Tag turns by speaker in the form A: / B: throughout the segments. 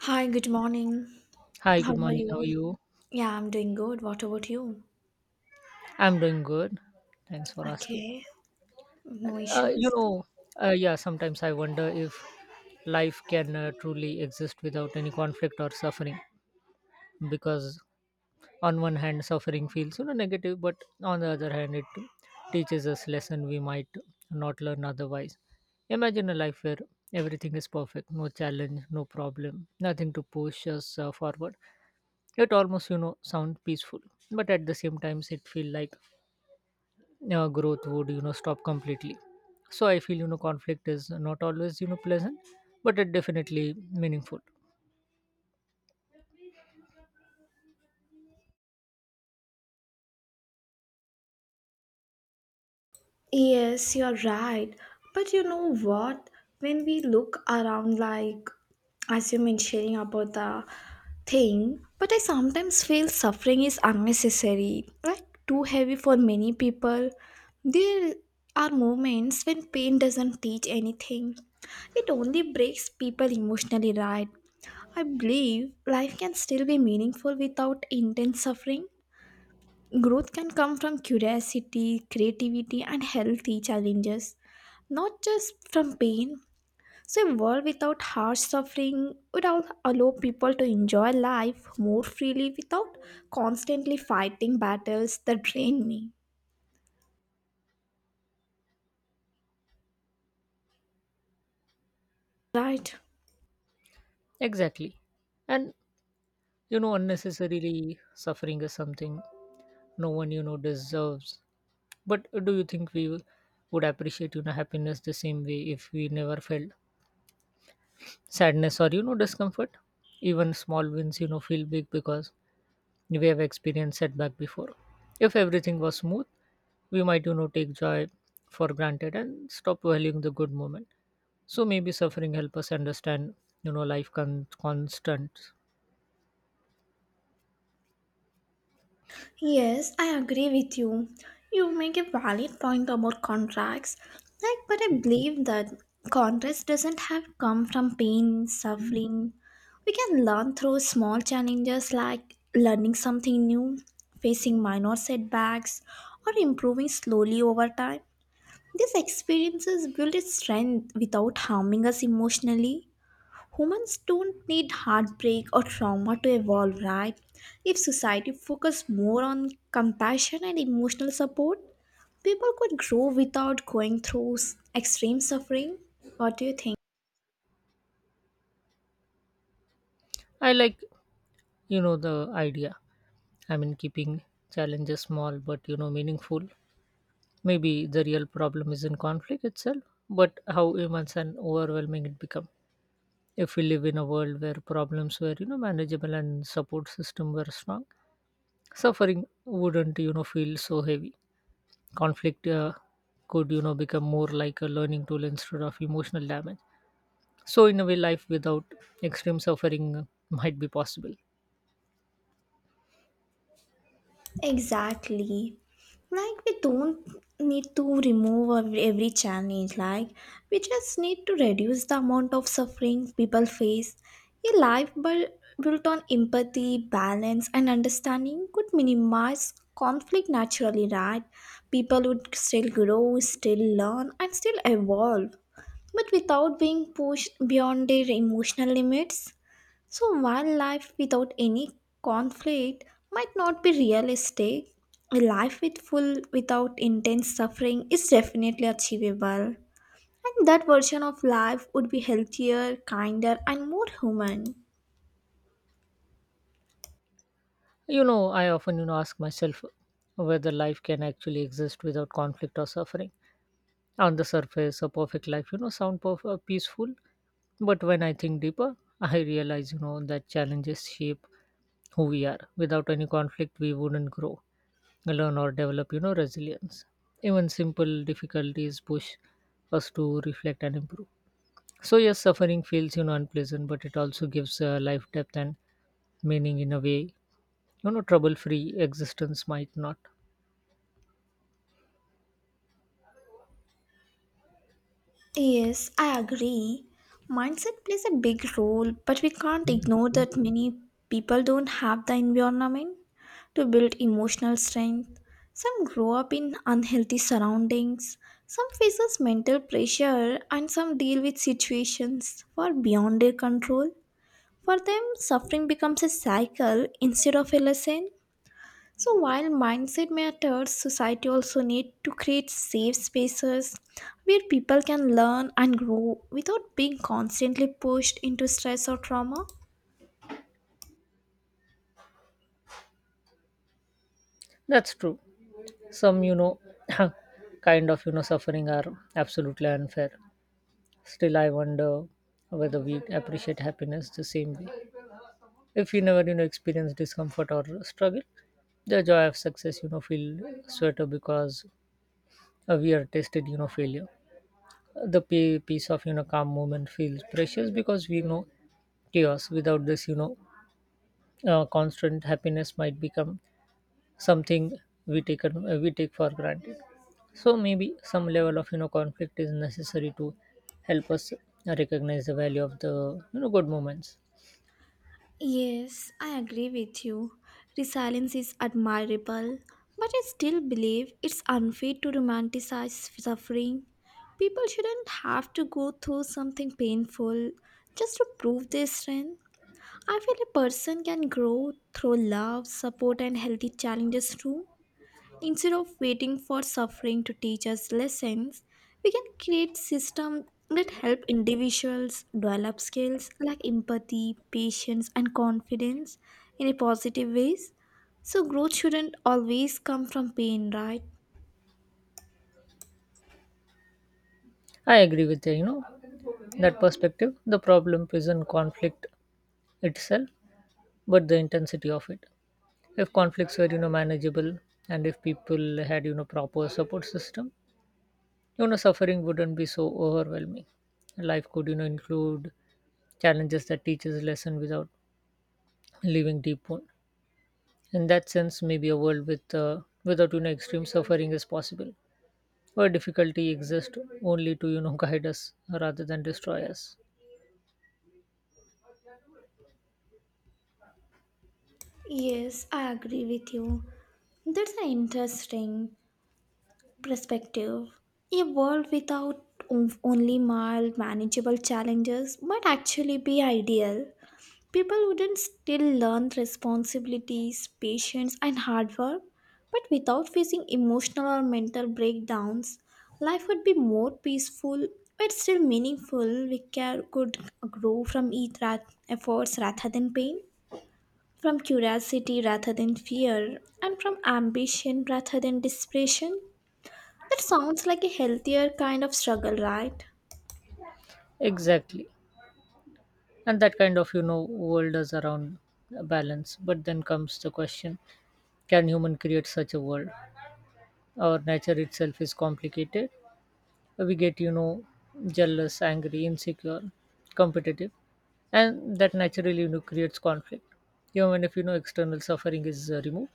A: Hi, good morning.
B: Hi,
A: How
B: good
A: are
B: morning. How are
A: you?
B: you?
A: Yeah, I'm doing good. What about you?
B: I'm doing good. Thanks for asking.
A: Okay, no
B: Uh, you
A: issues.
B: know, yeah, sometimes I wonder if life can truly exist without any conflict or suffering, because on one hand suffering feels negative, but on the other hand it teaches us lesson we might not learn otherwise. Imagine a life where everything is perfect, no challenge, no problem, nothing to push us forward. It almost sound peaceful, but at the same times it feel like growth would stop completely. So I feel conflict is not always pleasant, but it definitely meaningful.
A: Yes, you're right. But you know what? When we look around, like as you mentioning about the thing, but I sometimes feel suffering is unnecessary, like too heavy for many people. There are moments when pain doesn't teach anything. It only breaks people emotionally, right? I believe life can still be meaningful without intense suffering. Growth can come from curiosity, creativity, and healthy challenges, not just from pain. So, a world without harsh suffering would allow people to enjoy life more freely without constantly fighting battles that drain me. Right.
B: Exactly. And unnecessarily suffering is something no one deserves, but do you think we would appreciate happiness the same way if we never felt sadness or discomfort? Even small wins feel big because we have experienced setback before. If everything was smooth, we might take joy for granted and stop valuing the good moment. So maybe suffering help us understand life constants.
A: Yes, I agree with you. You make a valid point about contracts. Like, but I believe that contracts doesn't have come from pain, suffering. We can learn through small challenges like learning something new, facing minor setbacks, or improving slowly over time. These experiences build strength without harming us emotionally. Humans don't need heartbreak or trauma to evolve, right? If society focused more on compassion and emotional support, people could grow without going through extreme suffering. What do you think?
B: I like the idea. I mean keeping challenges small but meaningful. Maybe the real problem is in conflict itself, but how immense and overwhelming it become. If we live in a world where problems were manageable and support system were strong, suffering wouldn't, feel so heavy. Conflict could, become more like a learning tool instead of emotional damage. So, in a way, life without extreme suffering might be possible.
A: Exactly. Like we don't need to remove every challenge. Like we just need to reduce the amount of suffering people face. A life built on empathy, balance, and understanding could minimize conflict naturally. Right? People would still grow, still learn, and still evolve, but without being pushed beyond their emotional limits. So, while life without any conflict might not be realistic, a life with full without intense suffering is definitely achievable. And that version of life would be healthier, kinder, and more human.
B: I often, ask myself whether life can actually exist without conflict or suffering. On the surface, a perfect life, sound peaceful, but when I think deeper, I realize, that challenges shape who we are. Without any conflict, we wouldn't grow, learn, or develop resilience. Even simple difficulties push us to reflect and improve. So yes, suffering feels unpleasant, but it also gives life depth and meaning in a way trouble free existence might not.
A: Yes, I agree. Mindset plays a big role, but we can't ignore that many people don't have the environment to build emotional strength. Some grow up in unhealthy surroundings, some faces mental pressure, and some deal with situations far beyond their control. For them, suffering becomes a cycle instead of a lesson. So while mindset matters, society also need to create safe spaces where people can learn and grow without being constantly pushed into stress or trauma.
B: That's true. Some kind of suffering are absolutely unfair. Still I wonder whether we appreciate happiness the same way if you never experience discomfort or struggle. The joy of success feel sweeter because we are tested failure. The piece of calm movement feels precious because we know chaos. Without this constant happiness might become something we take uh, we take for granted. So maybe some level of conflict is necessary to help us recognize the value of the good moments.
A: Yes, I agree with you. Resilience is admirable, but I still believe it's unfair to romanticize suffering. People shouldn't have to go through something painful just to prove their strength. I feel a person can grow through love, support, and healthy challenges too. Instead of waiting for suffering to teach us lessons, we can create systems that help individuals develop skills like empathy, patience, and confidence in a positive ways. So growth shouldn't always come from pain, right?
B: I agree with the, that perspective. The problem isn't conflict itself but the intensity of it. If conflicts were manageable and if people had proper support system, suffering wouldn't be so overwhelming. Life could include challenges that teaches lesson without leaving deep wound. In that sense, maybe a world without extreme suffering is possible, where difficulty exists only to guide us rather than destroy us.
A: Yes, I agree with you. That's an interesting perspective. A world without only mild, manageable challenges might actually be ideal. People wouldn't still learn responsibilities, patience, and hard work, but without facing emotional or mental breakdowns, life would be more peaceful but still meaningful. We care, could grow from each efforts rather than pain, from curiosity rather than fear, and from ambition rather than desperation. That sounds like a healthier kind of struggle, right?
B: Exactly. And that kind of world is around balance. But then comes the question, can human create such a world, or nature itself is complicated? We get jealous, angry, insecure, competitive, and that naturally creates conflict. Even if external suffering is removed,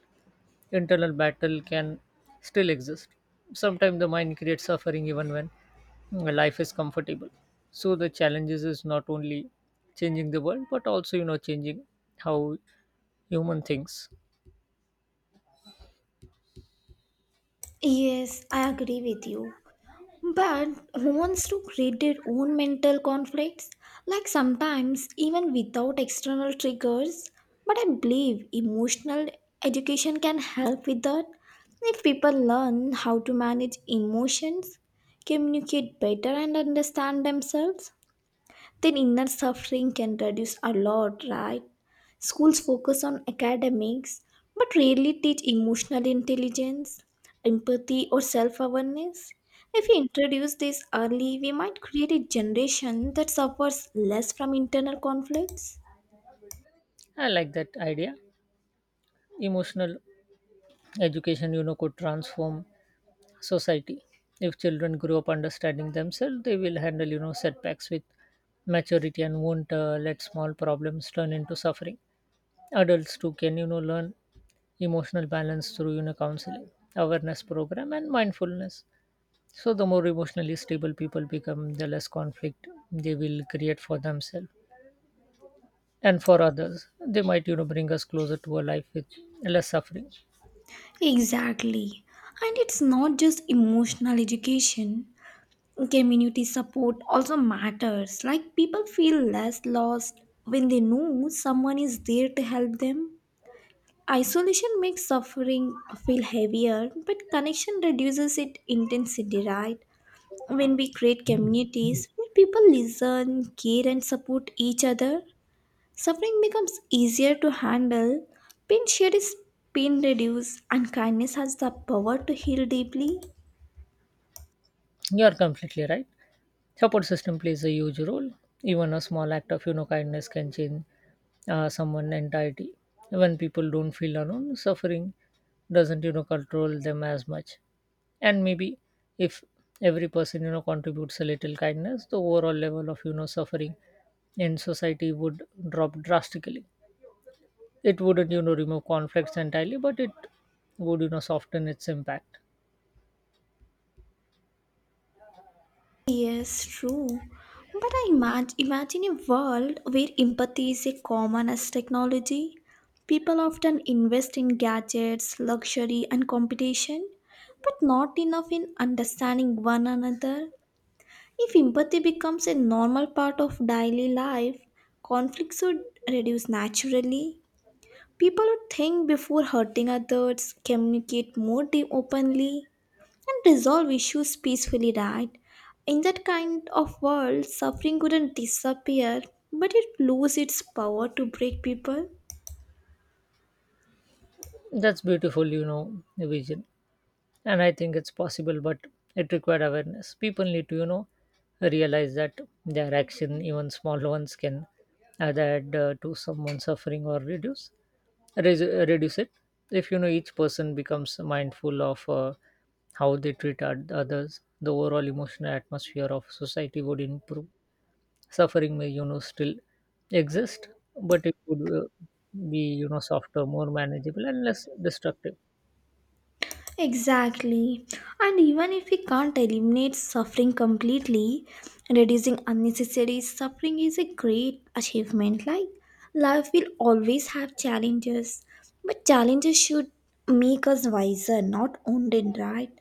B: internal battle can still exist. Sometimes the mind creates suffering even when life is comfortable. So the challenges is not only changing the world but also changing how human thinks.
A: Yes, I agree with you. But who wants to create their own mental conflicts? Like sometimes, even without external triggers. But I believe emotional education can help with that. If people learn how to manage emotions, communicate better, and understand themselves then inner suffering can reduce a lot, right? Schools focus on academics but rarely teach emotional intelligence, empathy, or self awareness. If we introduce this early, we might create a generation that suffers less from internal conflicts.
B: I like that idea. Emotional education could transform society. If children grow up understanding themselves, they will handle setbacks with maturity and won't let small problems turn into suffering. Adults too can learn emotional balance through counseling, awareness program, and mindfulness. So the more emotionally stable people become, the less conflict they will create for themselves and for others. They might bring us closer to a life with less suffering.
A: Exactly. And it's not just emotional education. Community support also matters. Like people feel less lost when they know someone is there to help them. Isolation makes suffering feel heavier, but connection reduces its intensity, right? When we create communities where people listen, care, and support each other, suffering becomes easier to handle. Pain shared is pain reduced, and kindness has the power to heal deeply.
B: You are completely right. Support system plays a huge role. Even a small act of kindness can change someone entirety. When people don't feel alone, suffering doesn't control them as much. And maybe if every person contributes a little kindness, the overall level of suffering in society would drop drastically. It wouldn't remove conflicts entirely, but it would soften its impact.
A: Yes, true. But I imagine a world where empathy is as common as technology. People often invest in gadgets, luxury, and competition, but not enough in understanding one another. If empathy becomes a normal part of daily life, conflicts would reduce naturally. People would think before hurting others, communicate more openly, and resolve issues peacefully, right? In that kind of world, suffering wouldn't disappear, but it lose its power to break people.
B: That's beautiful, vision. And I think it's possible, but it required awareness. People need to realize that their action, even small ones, can either add to someone's suffering or res- reduce it. If each person becomes mindful of how they treat others, the overall emotional atmosphere of society would improve. Suffering may still exist, but it would be softer, more manageable, and less destructive.
A: Exactly. And even if we can't eliminate suffering completely, reducing unnecessary suffering is a great achievement. Like, life will always have challenges, but challenges should make us wiser, not wounded, right?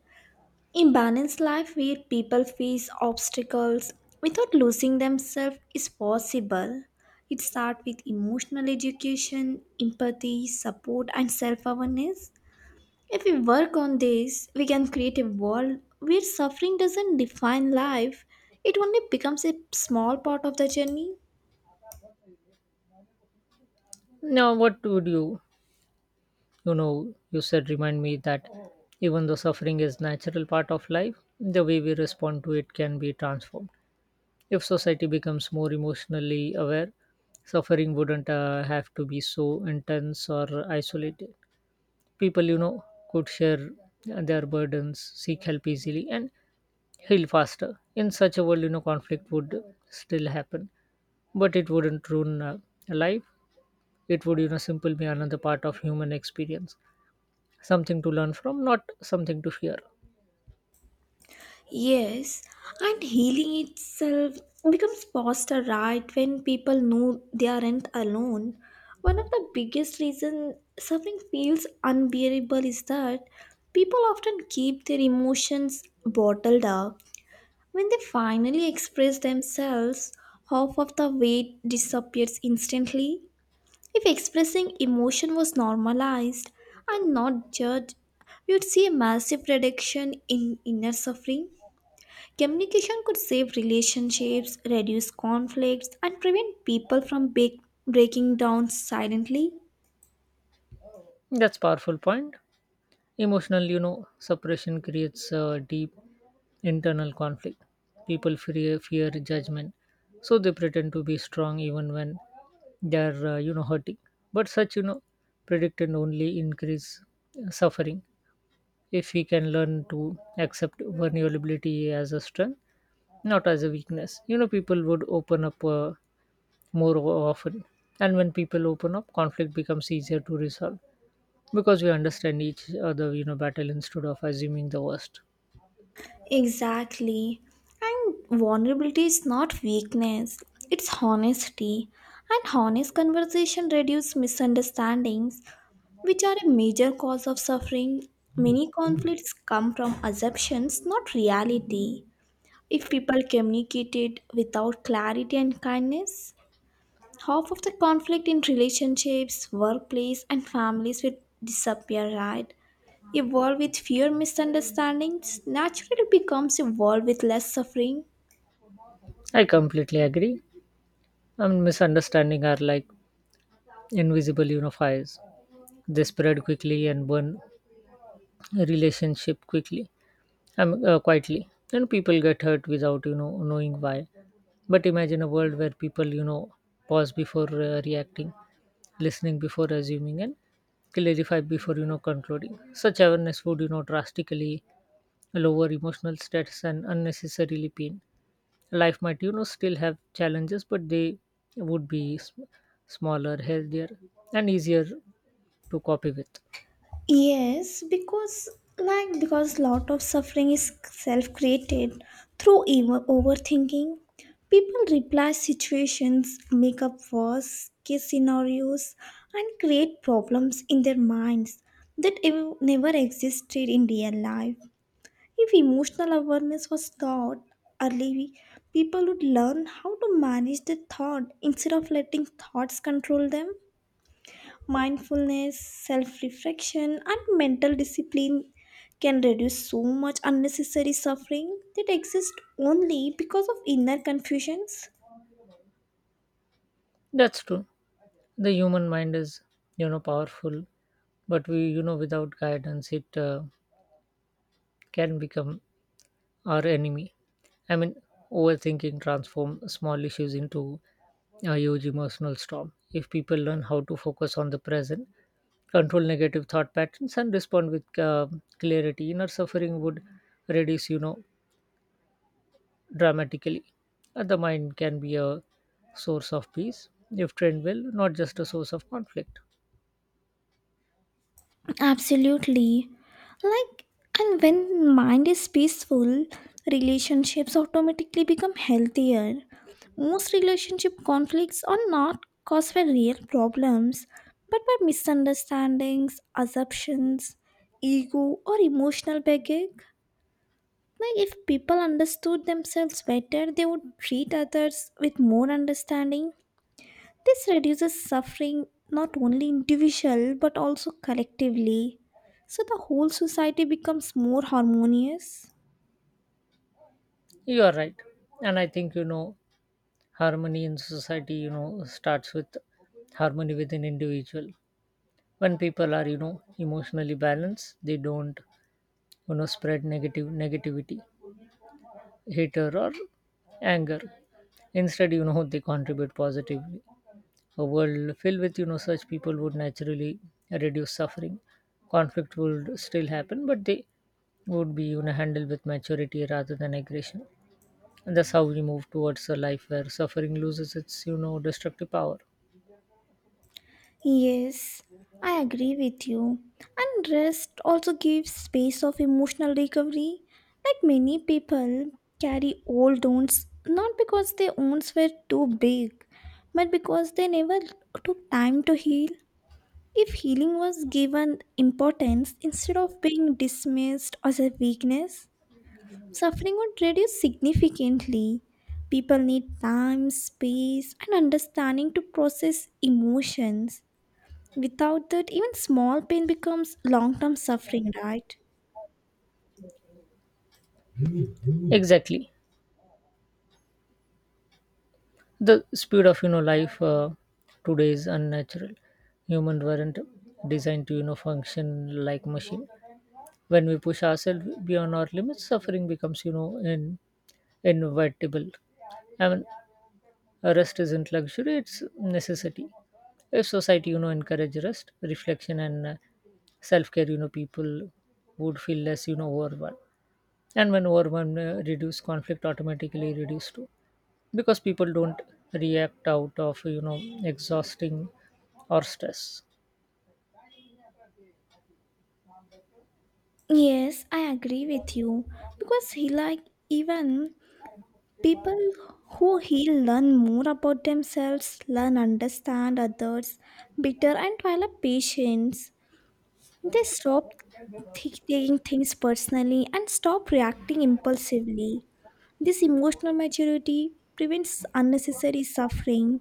A: A balanced life where people face obstacles without losing themselves is possible. It starts with emotional education, empathy, support, and self awareness. If we work on this, we can create a world where suffering doesn't define life, it only becomes a small part of the journey.
B: Now what would you you know you said remind me that even though suffering is natural part of life, the way we respond to it can be transformed. If society becomes more emotionally aware, suffering wouldn't have to be so intense or isolated. People could share their burdens, seek help easily, and heal faster. In such a world, conflict would still happen, but it wouldn't ruin life. It would simply be another part of human experience, something to learn from, not something to fear.
A: Yes, and healing itself becomes faster, right? When people know they aren't alone. One of the biggest reasons suffering feels unbearable is that people often keep their emotions bottled up. When they finally express themselves, half of the weight disappears instantly. If expressing emotion was normalized and not judged, we would see a massive reduction in inner suffering. Communication could save relationships, reduce conflicts, and prevent people from breaking down silently.
B: That's powerful point. Emotional suppression creates a deep internal conflict. People fear judgment, so they pretend to be strong even when they're hurting. But such prediction only increase suffering. If we can learn to accept vulnerability as a strength, not as a weakness, people would open up more often. And when people open up, conflict becomes easier to resolve because we understand each other battle instead of assuming the worst.
A: Exactly. And vulnerability is not weakness, it's honesty. And honest conversation reduces misunderstandings, which are a major cause of suffering. Many conflicts come from assumptions, not reality. If people communicated without clarity and kindness, half of the conflict in relationships, workplace, and families will disappear, right? A world with fewer misunderstandings naturally becomes a world with less suffering.
B: I completely agree. I mean, misunderstanding are like invisible fires. They spread quickly and burn relationship quickly, quietly. And people get hurt without knowing why. But imagine a world where people pause before reacting, listening before assuming, and clarify before concluding. Such awareness would drastically lower emotional status and unnecessarily pain. Life might still have challenges, but they would be smaller, healthier, and easier to copy with.
A: Yes, because like because lot of suffering is self-created through overthinking. People reply situations, make up worse case scenarios, and create problems in their minds that never existed in real life. If emotional awareness was taught early, people would learn how to manage their thought instead of letting thoughts control them. Mindfulness, self reflection, and mental discipline can reduce so much unnecessary suffering that exists only because of inner confusions.
B: That's true. The human mind is powerful, but we you know without guidance it can become our enemy. I mean, overthinking transform small issues into a huge emotional storm. If people learn how to focus on the present, control negative thought patterns, and respond with clarity, inner suffering would reduce dramatically. The mind can be a source of peace if trained well, not just a source of conflict.
A: Absolutely. Like, and when mind is peaceful, relationships automatically become healthier. Most relationship conflicts are not caused by real problems, but by misunderstandings, assumptions, ego, or emotional baggage. Like, if people understood themselves better, they would treat others with more understanding this reduces suffering not only individual but also collectively. So the whole society becomes more harmonious.
B: You are right. And I think, harmony in society, starts with harmony within individual. When people are, emotionally balanced, they don't, spread negative negativity, hatred, or anger. Instead, they contribute positively. A world filled with such people would naturally reduce suffering. Conflict would still happen, but they would be handled with maturity rather than aggression. And that's how we move towards a life where suffering loses its destructive power.
A: Yes, I agree with you. And rest also gives space of emotional recovery. Like many people carry old wounds not because their wounds were too big, but because they never took time to heal. If healing was given importance instead of being dismissed as a weakness, suffering would reduce significantly. People need time, space, and understanding to process emotions. Without that, even small pain becomes long term suffering, right?
B: Exactly. The speed of life today is unnatural. Humans weren't designed to function like machine. When we push ourselves beyond our limits, suffering becomes in inevitable. I mean, rest isn't luxury, it's necessity. If society, encourage rest, reflection, and self-care, people would feel less, overwhelmed. And when overwhelmed, reduce conflict automatically reduce too, because people don't react out of, exhausting or stress.
A: Yes, I agree with you. Because he like even people who heal learn more about themselves, learn understand others better and develop patience. They stop taking things personally and stop reacting impulsively. This emotional maturity prevents unnecessary suffering,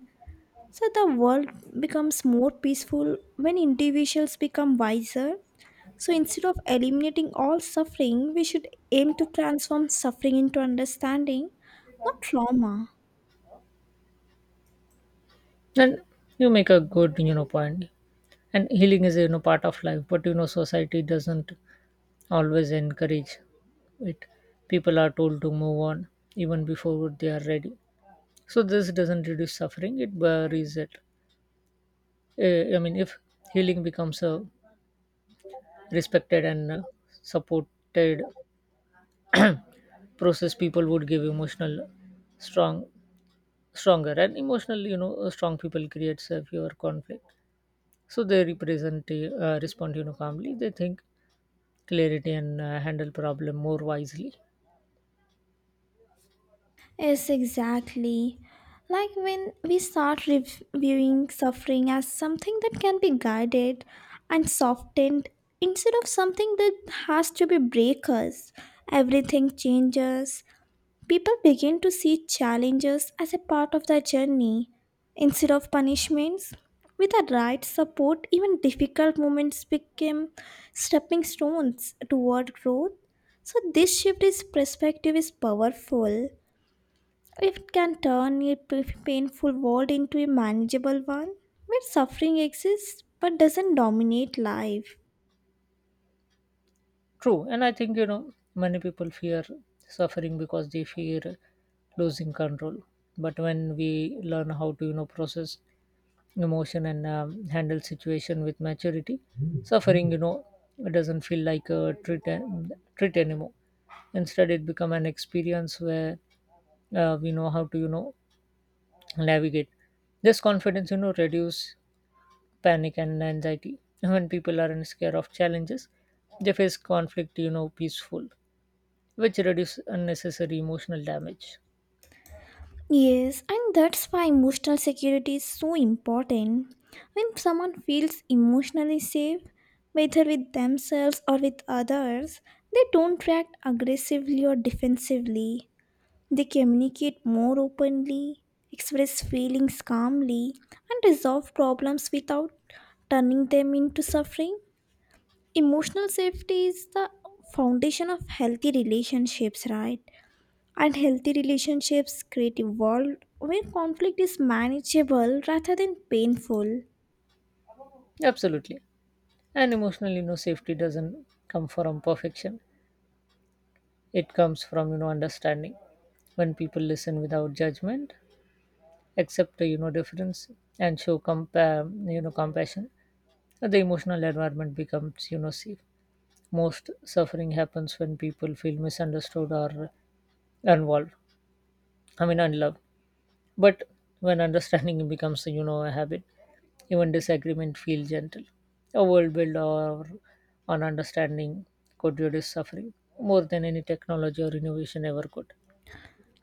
A: so the world becomes more peaceful when individuals become wiser. So instead of eliminating all suffering, we should aim to transform suffering into understanding, not trauma.
B: And you make a good, point. And healing is, part of life, but society doesn't always encourage it. People are told to move on even before they are ready. So this doesn't reduce suffering; it buries it. I mean, if healing becomes a respected and supported process, people would give emotional strong, stronger, and emotional, strong people creates fewer conflict. So they respond, calmly. They think clarity and handle problem more wisely.
A: Yes, exactly. Like when we start viewing suffering as something that can be guided and softened instead of something that has to be break us, everything changes. People begin to see challenges as a part of their journey instead of punishments. With the right support, even difficult moments become stepping stones toward growth. So, this shift in perspective is powerful. It can turn a painful world into a manageable one where suffering exists but doesn't dominate life.
B: True. And I think many people fear suffering because they fear losing control. But when we learn how to process emotion and handle situation with maturity, suffering it doesn't feel like a treat anymore. Instead, it become an experience where we know how to navigate. This confidence reduce panic and anxiety. When people aren't scared of challenges, they face conflict peaceful, which reduce unnecessary emotional damage.
A: Yes, and that's why emotional security is so important. When someone feels emotionally safe, whether with themselves or with others, they don't react aggressively or defensively. They communicate more openly, express feelings calmly, and resolve problems without turning them into suffering. Emotional safety is the foundation of healthy relationships, right? And healthy relationships create a world where conflict is manageable rather than painful.
B: Absolutely. And emotional, safety doesn't come from perfection. It comes from, understanding. When people listen without judgment, accept the, difference, and show compassion, the emotional environment becomes, safe. Most suffering happens when people feel misunderstood or involved. I mean, unloved. But when understanding becomes, a habit, even disagreement feel gentle. A world built or on understanding could reduce suffering more than any technology or innovation ever could.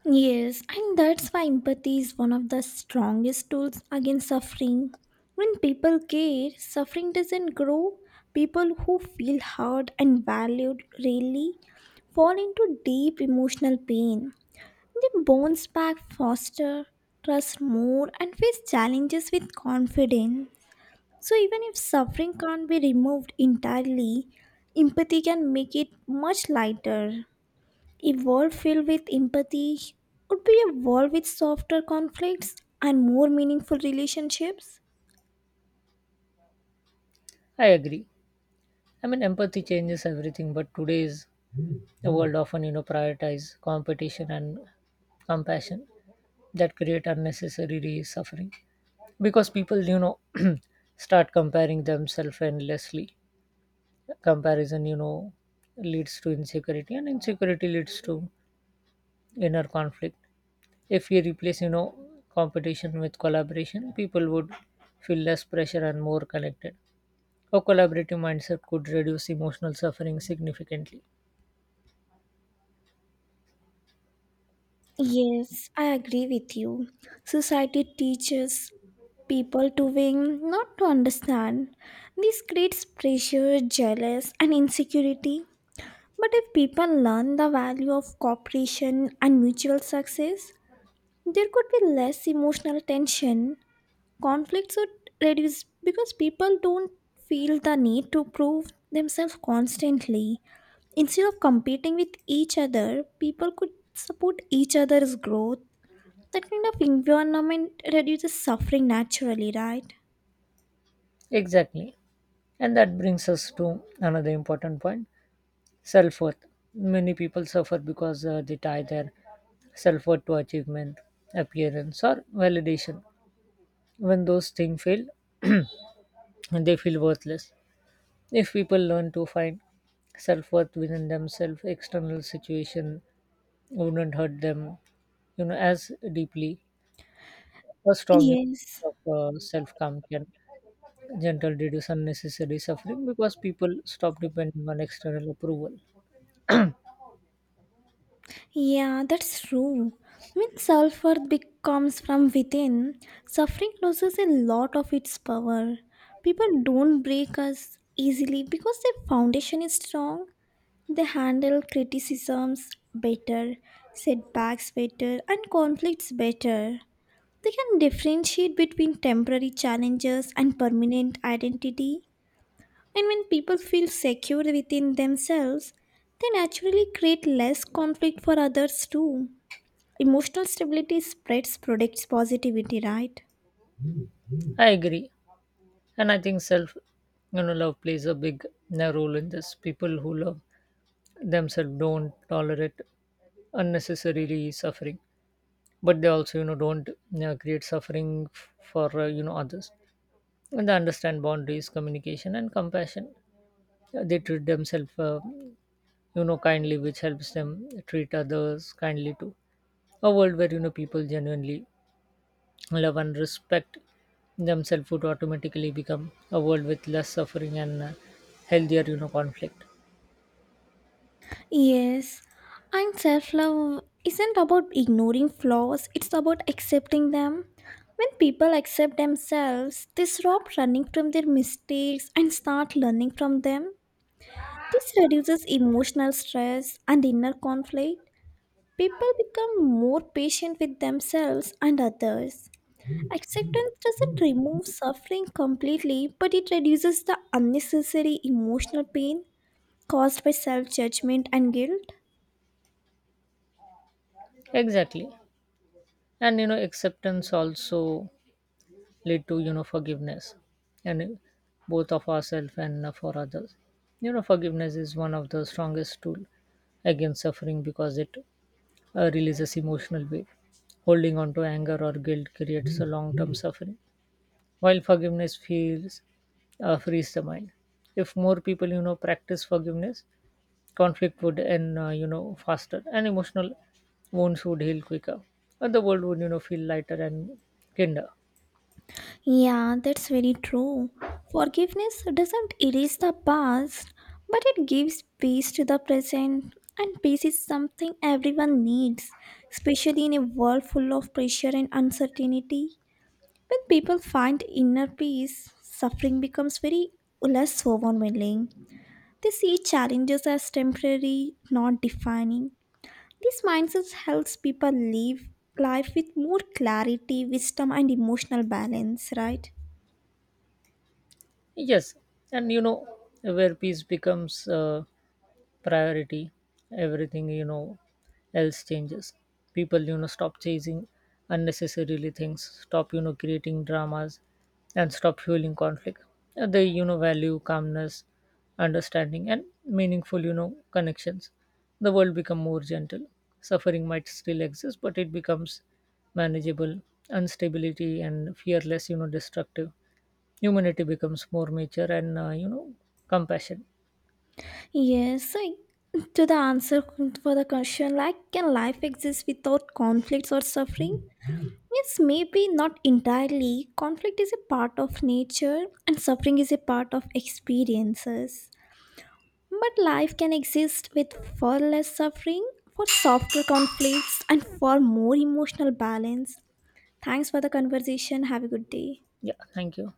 A: Yes, and that's why empathy is one of the strongest tools against suffering. When people care, suffering doesn't grow. People who feel heard and valued really fall into deep emotional pain. They bounce back faster, trust more, and face challenges with confidence. So, even if suffering can't be removed entirely, empathy can make it much lighter. A world filled with empathy would be a world with softer conflicts and more meaningful relationships.
B: I agree. I mean, empathy changes everything, but today's the world often, prioritize competition and compassion that create unnecessary suffering because people, start comparing themselves endlessly. Comparison, leads to insecurity, and insecurity leads to inner conflict. If we replace competition with collaboration, people would feel less pressure and more connected. A collaborative mindset could reduce emotional suffering significantly.
A: Yes, I agree with you. Society teaches people to win, not to understand. This creates pressure, jealous, and insecurity. But if people learn the value of cooperation and mutual success, there could be less emotional tension. Conflicts would reduce because people don't feel the need to prove themselves constantly. Instead of competing with each other, people could support each other's growth. That kind of environment reduces suffering naturally, right?
B: Exactly. And that brings us to another important point: self-worth. Many people suffer because they tie their self-worth to achievement, appearance, or validation. When those things fail, they feel worthless. If people learn to find self-worth within themselves, external situation wouldn't hurt them, as deeply. A strong
A: Yes.
B: sense of self-calm can gentle reduce unnecessary suffering because people stop depending on external approval.
A: Yeah, that's true. When self worth becomes from within, suffering loses a lot of its power. People don't break us easily because their foundation is strong. They handle criticisms better, setbacks better, and conflicts better. They can differentiate between temporary challenges and permanent identity. And when people feel secure within themselves, they naturally create less conflict for others too. Emotional stability spreads products positivity, right?
B: I agree. And I think self, love plays a big role in this. People who love themselves don't tolerate unnecessarily suffering, but they also, don't create suffering for others. And they understand boundaries, communication, and compassion. They treat themselves kindly, which helps them treat others kindly too. A world where people genuinely love and respect themselves would automatically become a world with less suffering and healthier conflict.
A: Yes, and self love isn't about ignoring flaws, it's about accepting them. When people accept themselves, they stop running from their mistakes and start learning from them. This reduces emotional stress and inner conflict. People become more patient with themselves and others. Acceptance doesn't remove suffering completely, but it reduces the unnecessary emotional pain caused by self judgment and guilt.
B: Exactly. And acceptance also lead to forgiveness, and both of ourselves and for others. Forgiveness is one of the strongest tool against suffering because it releases emotional weight. Holding on to anger or guilt creates a long term suffering, while forgiveness feels frees the mind. If more people, practice forgiveness, conflict would end, faster, and emotional wounds would heal quicker, and the world would, feel lighter and kinder.
A: Yeah, that's very true. Forgiveness doesn't erase the past, but it gives peace to the present, and peace is something everyone needs, especially in a world full of pressure and uncertainty. When people find inner peace, suffering becomes very less overwhelming. They see challenges as temporary, not defining. This mindset helps people live life with more clarity, wisdom, and emotional balance, right?
B: Yes, and where peace becomes priority, everything else changes. People stop chasing unnecessarily things, stop creating dramas, and stop fueling conflict. They value calmness, understanding, and meaningful connections. The world become more gentle. Suffering might still exist, but it becomes manageable. Instability and fearless, destructive. Humanity becomes more mature and, compassion.
A: Yes, I- to the answer for the question, like, can life exist without conflicts or suffering? Yes, maybe not entirely. Conflict is a part of nature, and suffering is a part of experiences. But life can exist with far less suffering, for softer conflicts, and for more emotional balance. Thanks for the conversation. Have a good day.
B: Yeah, thank you.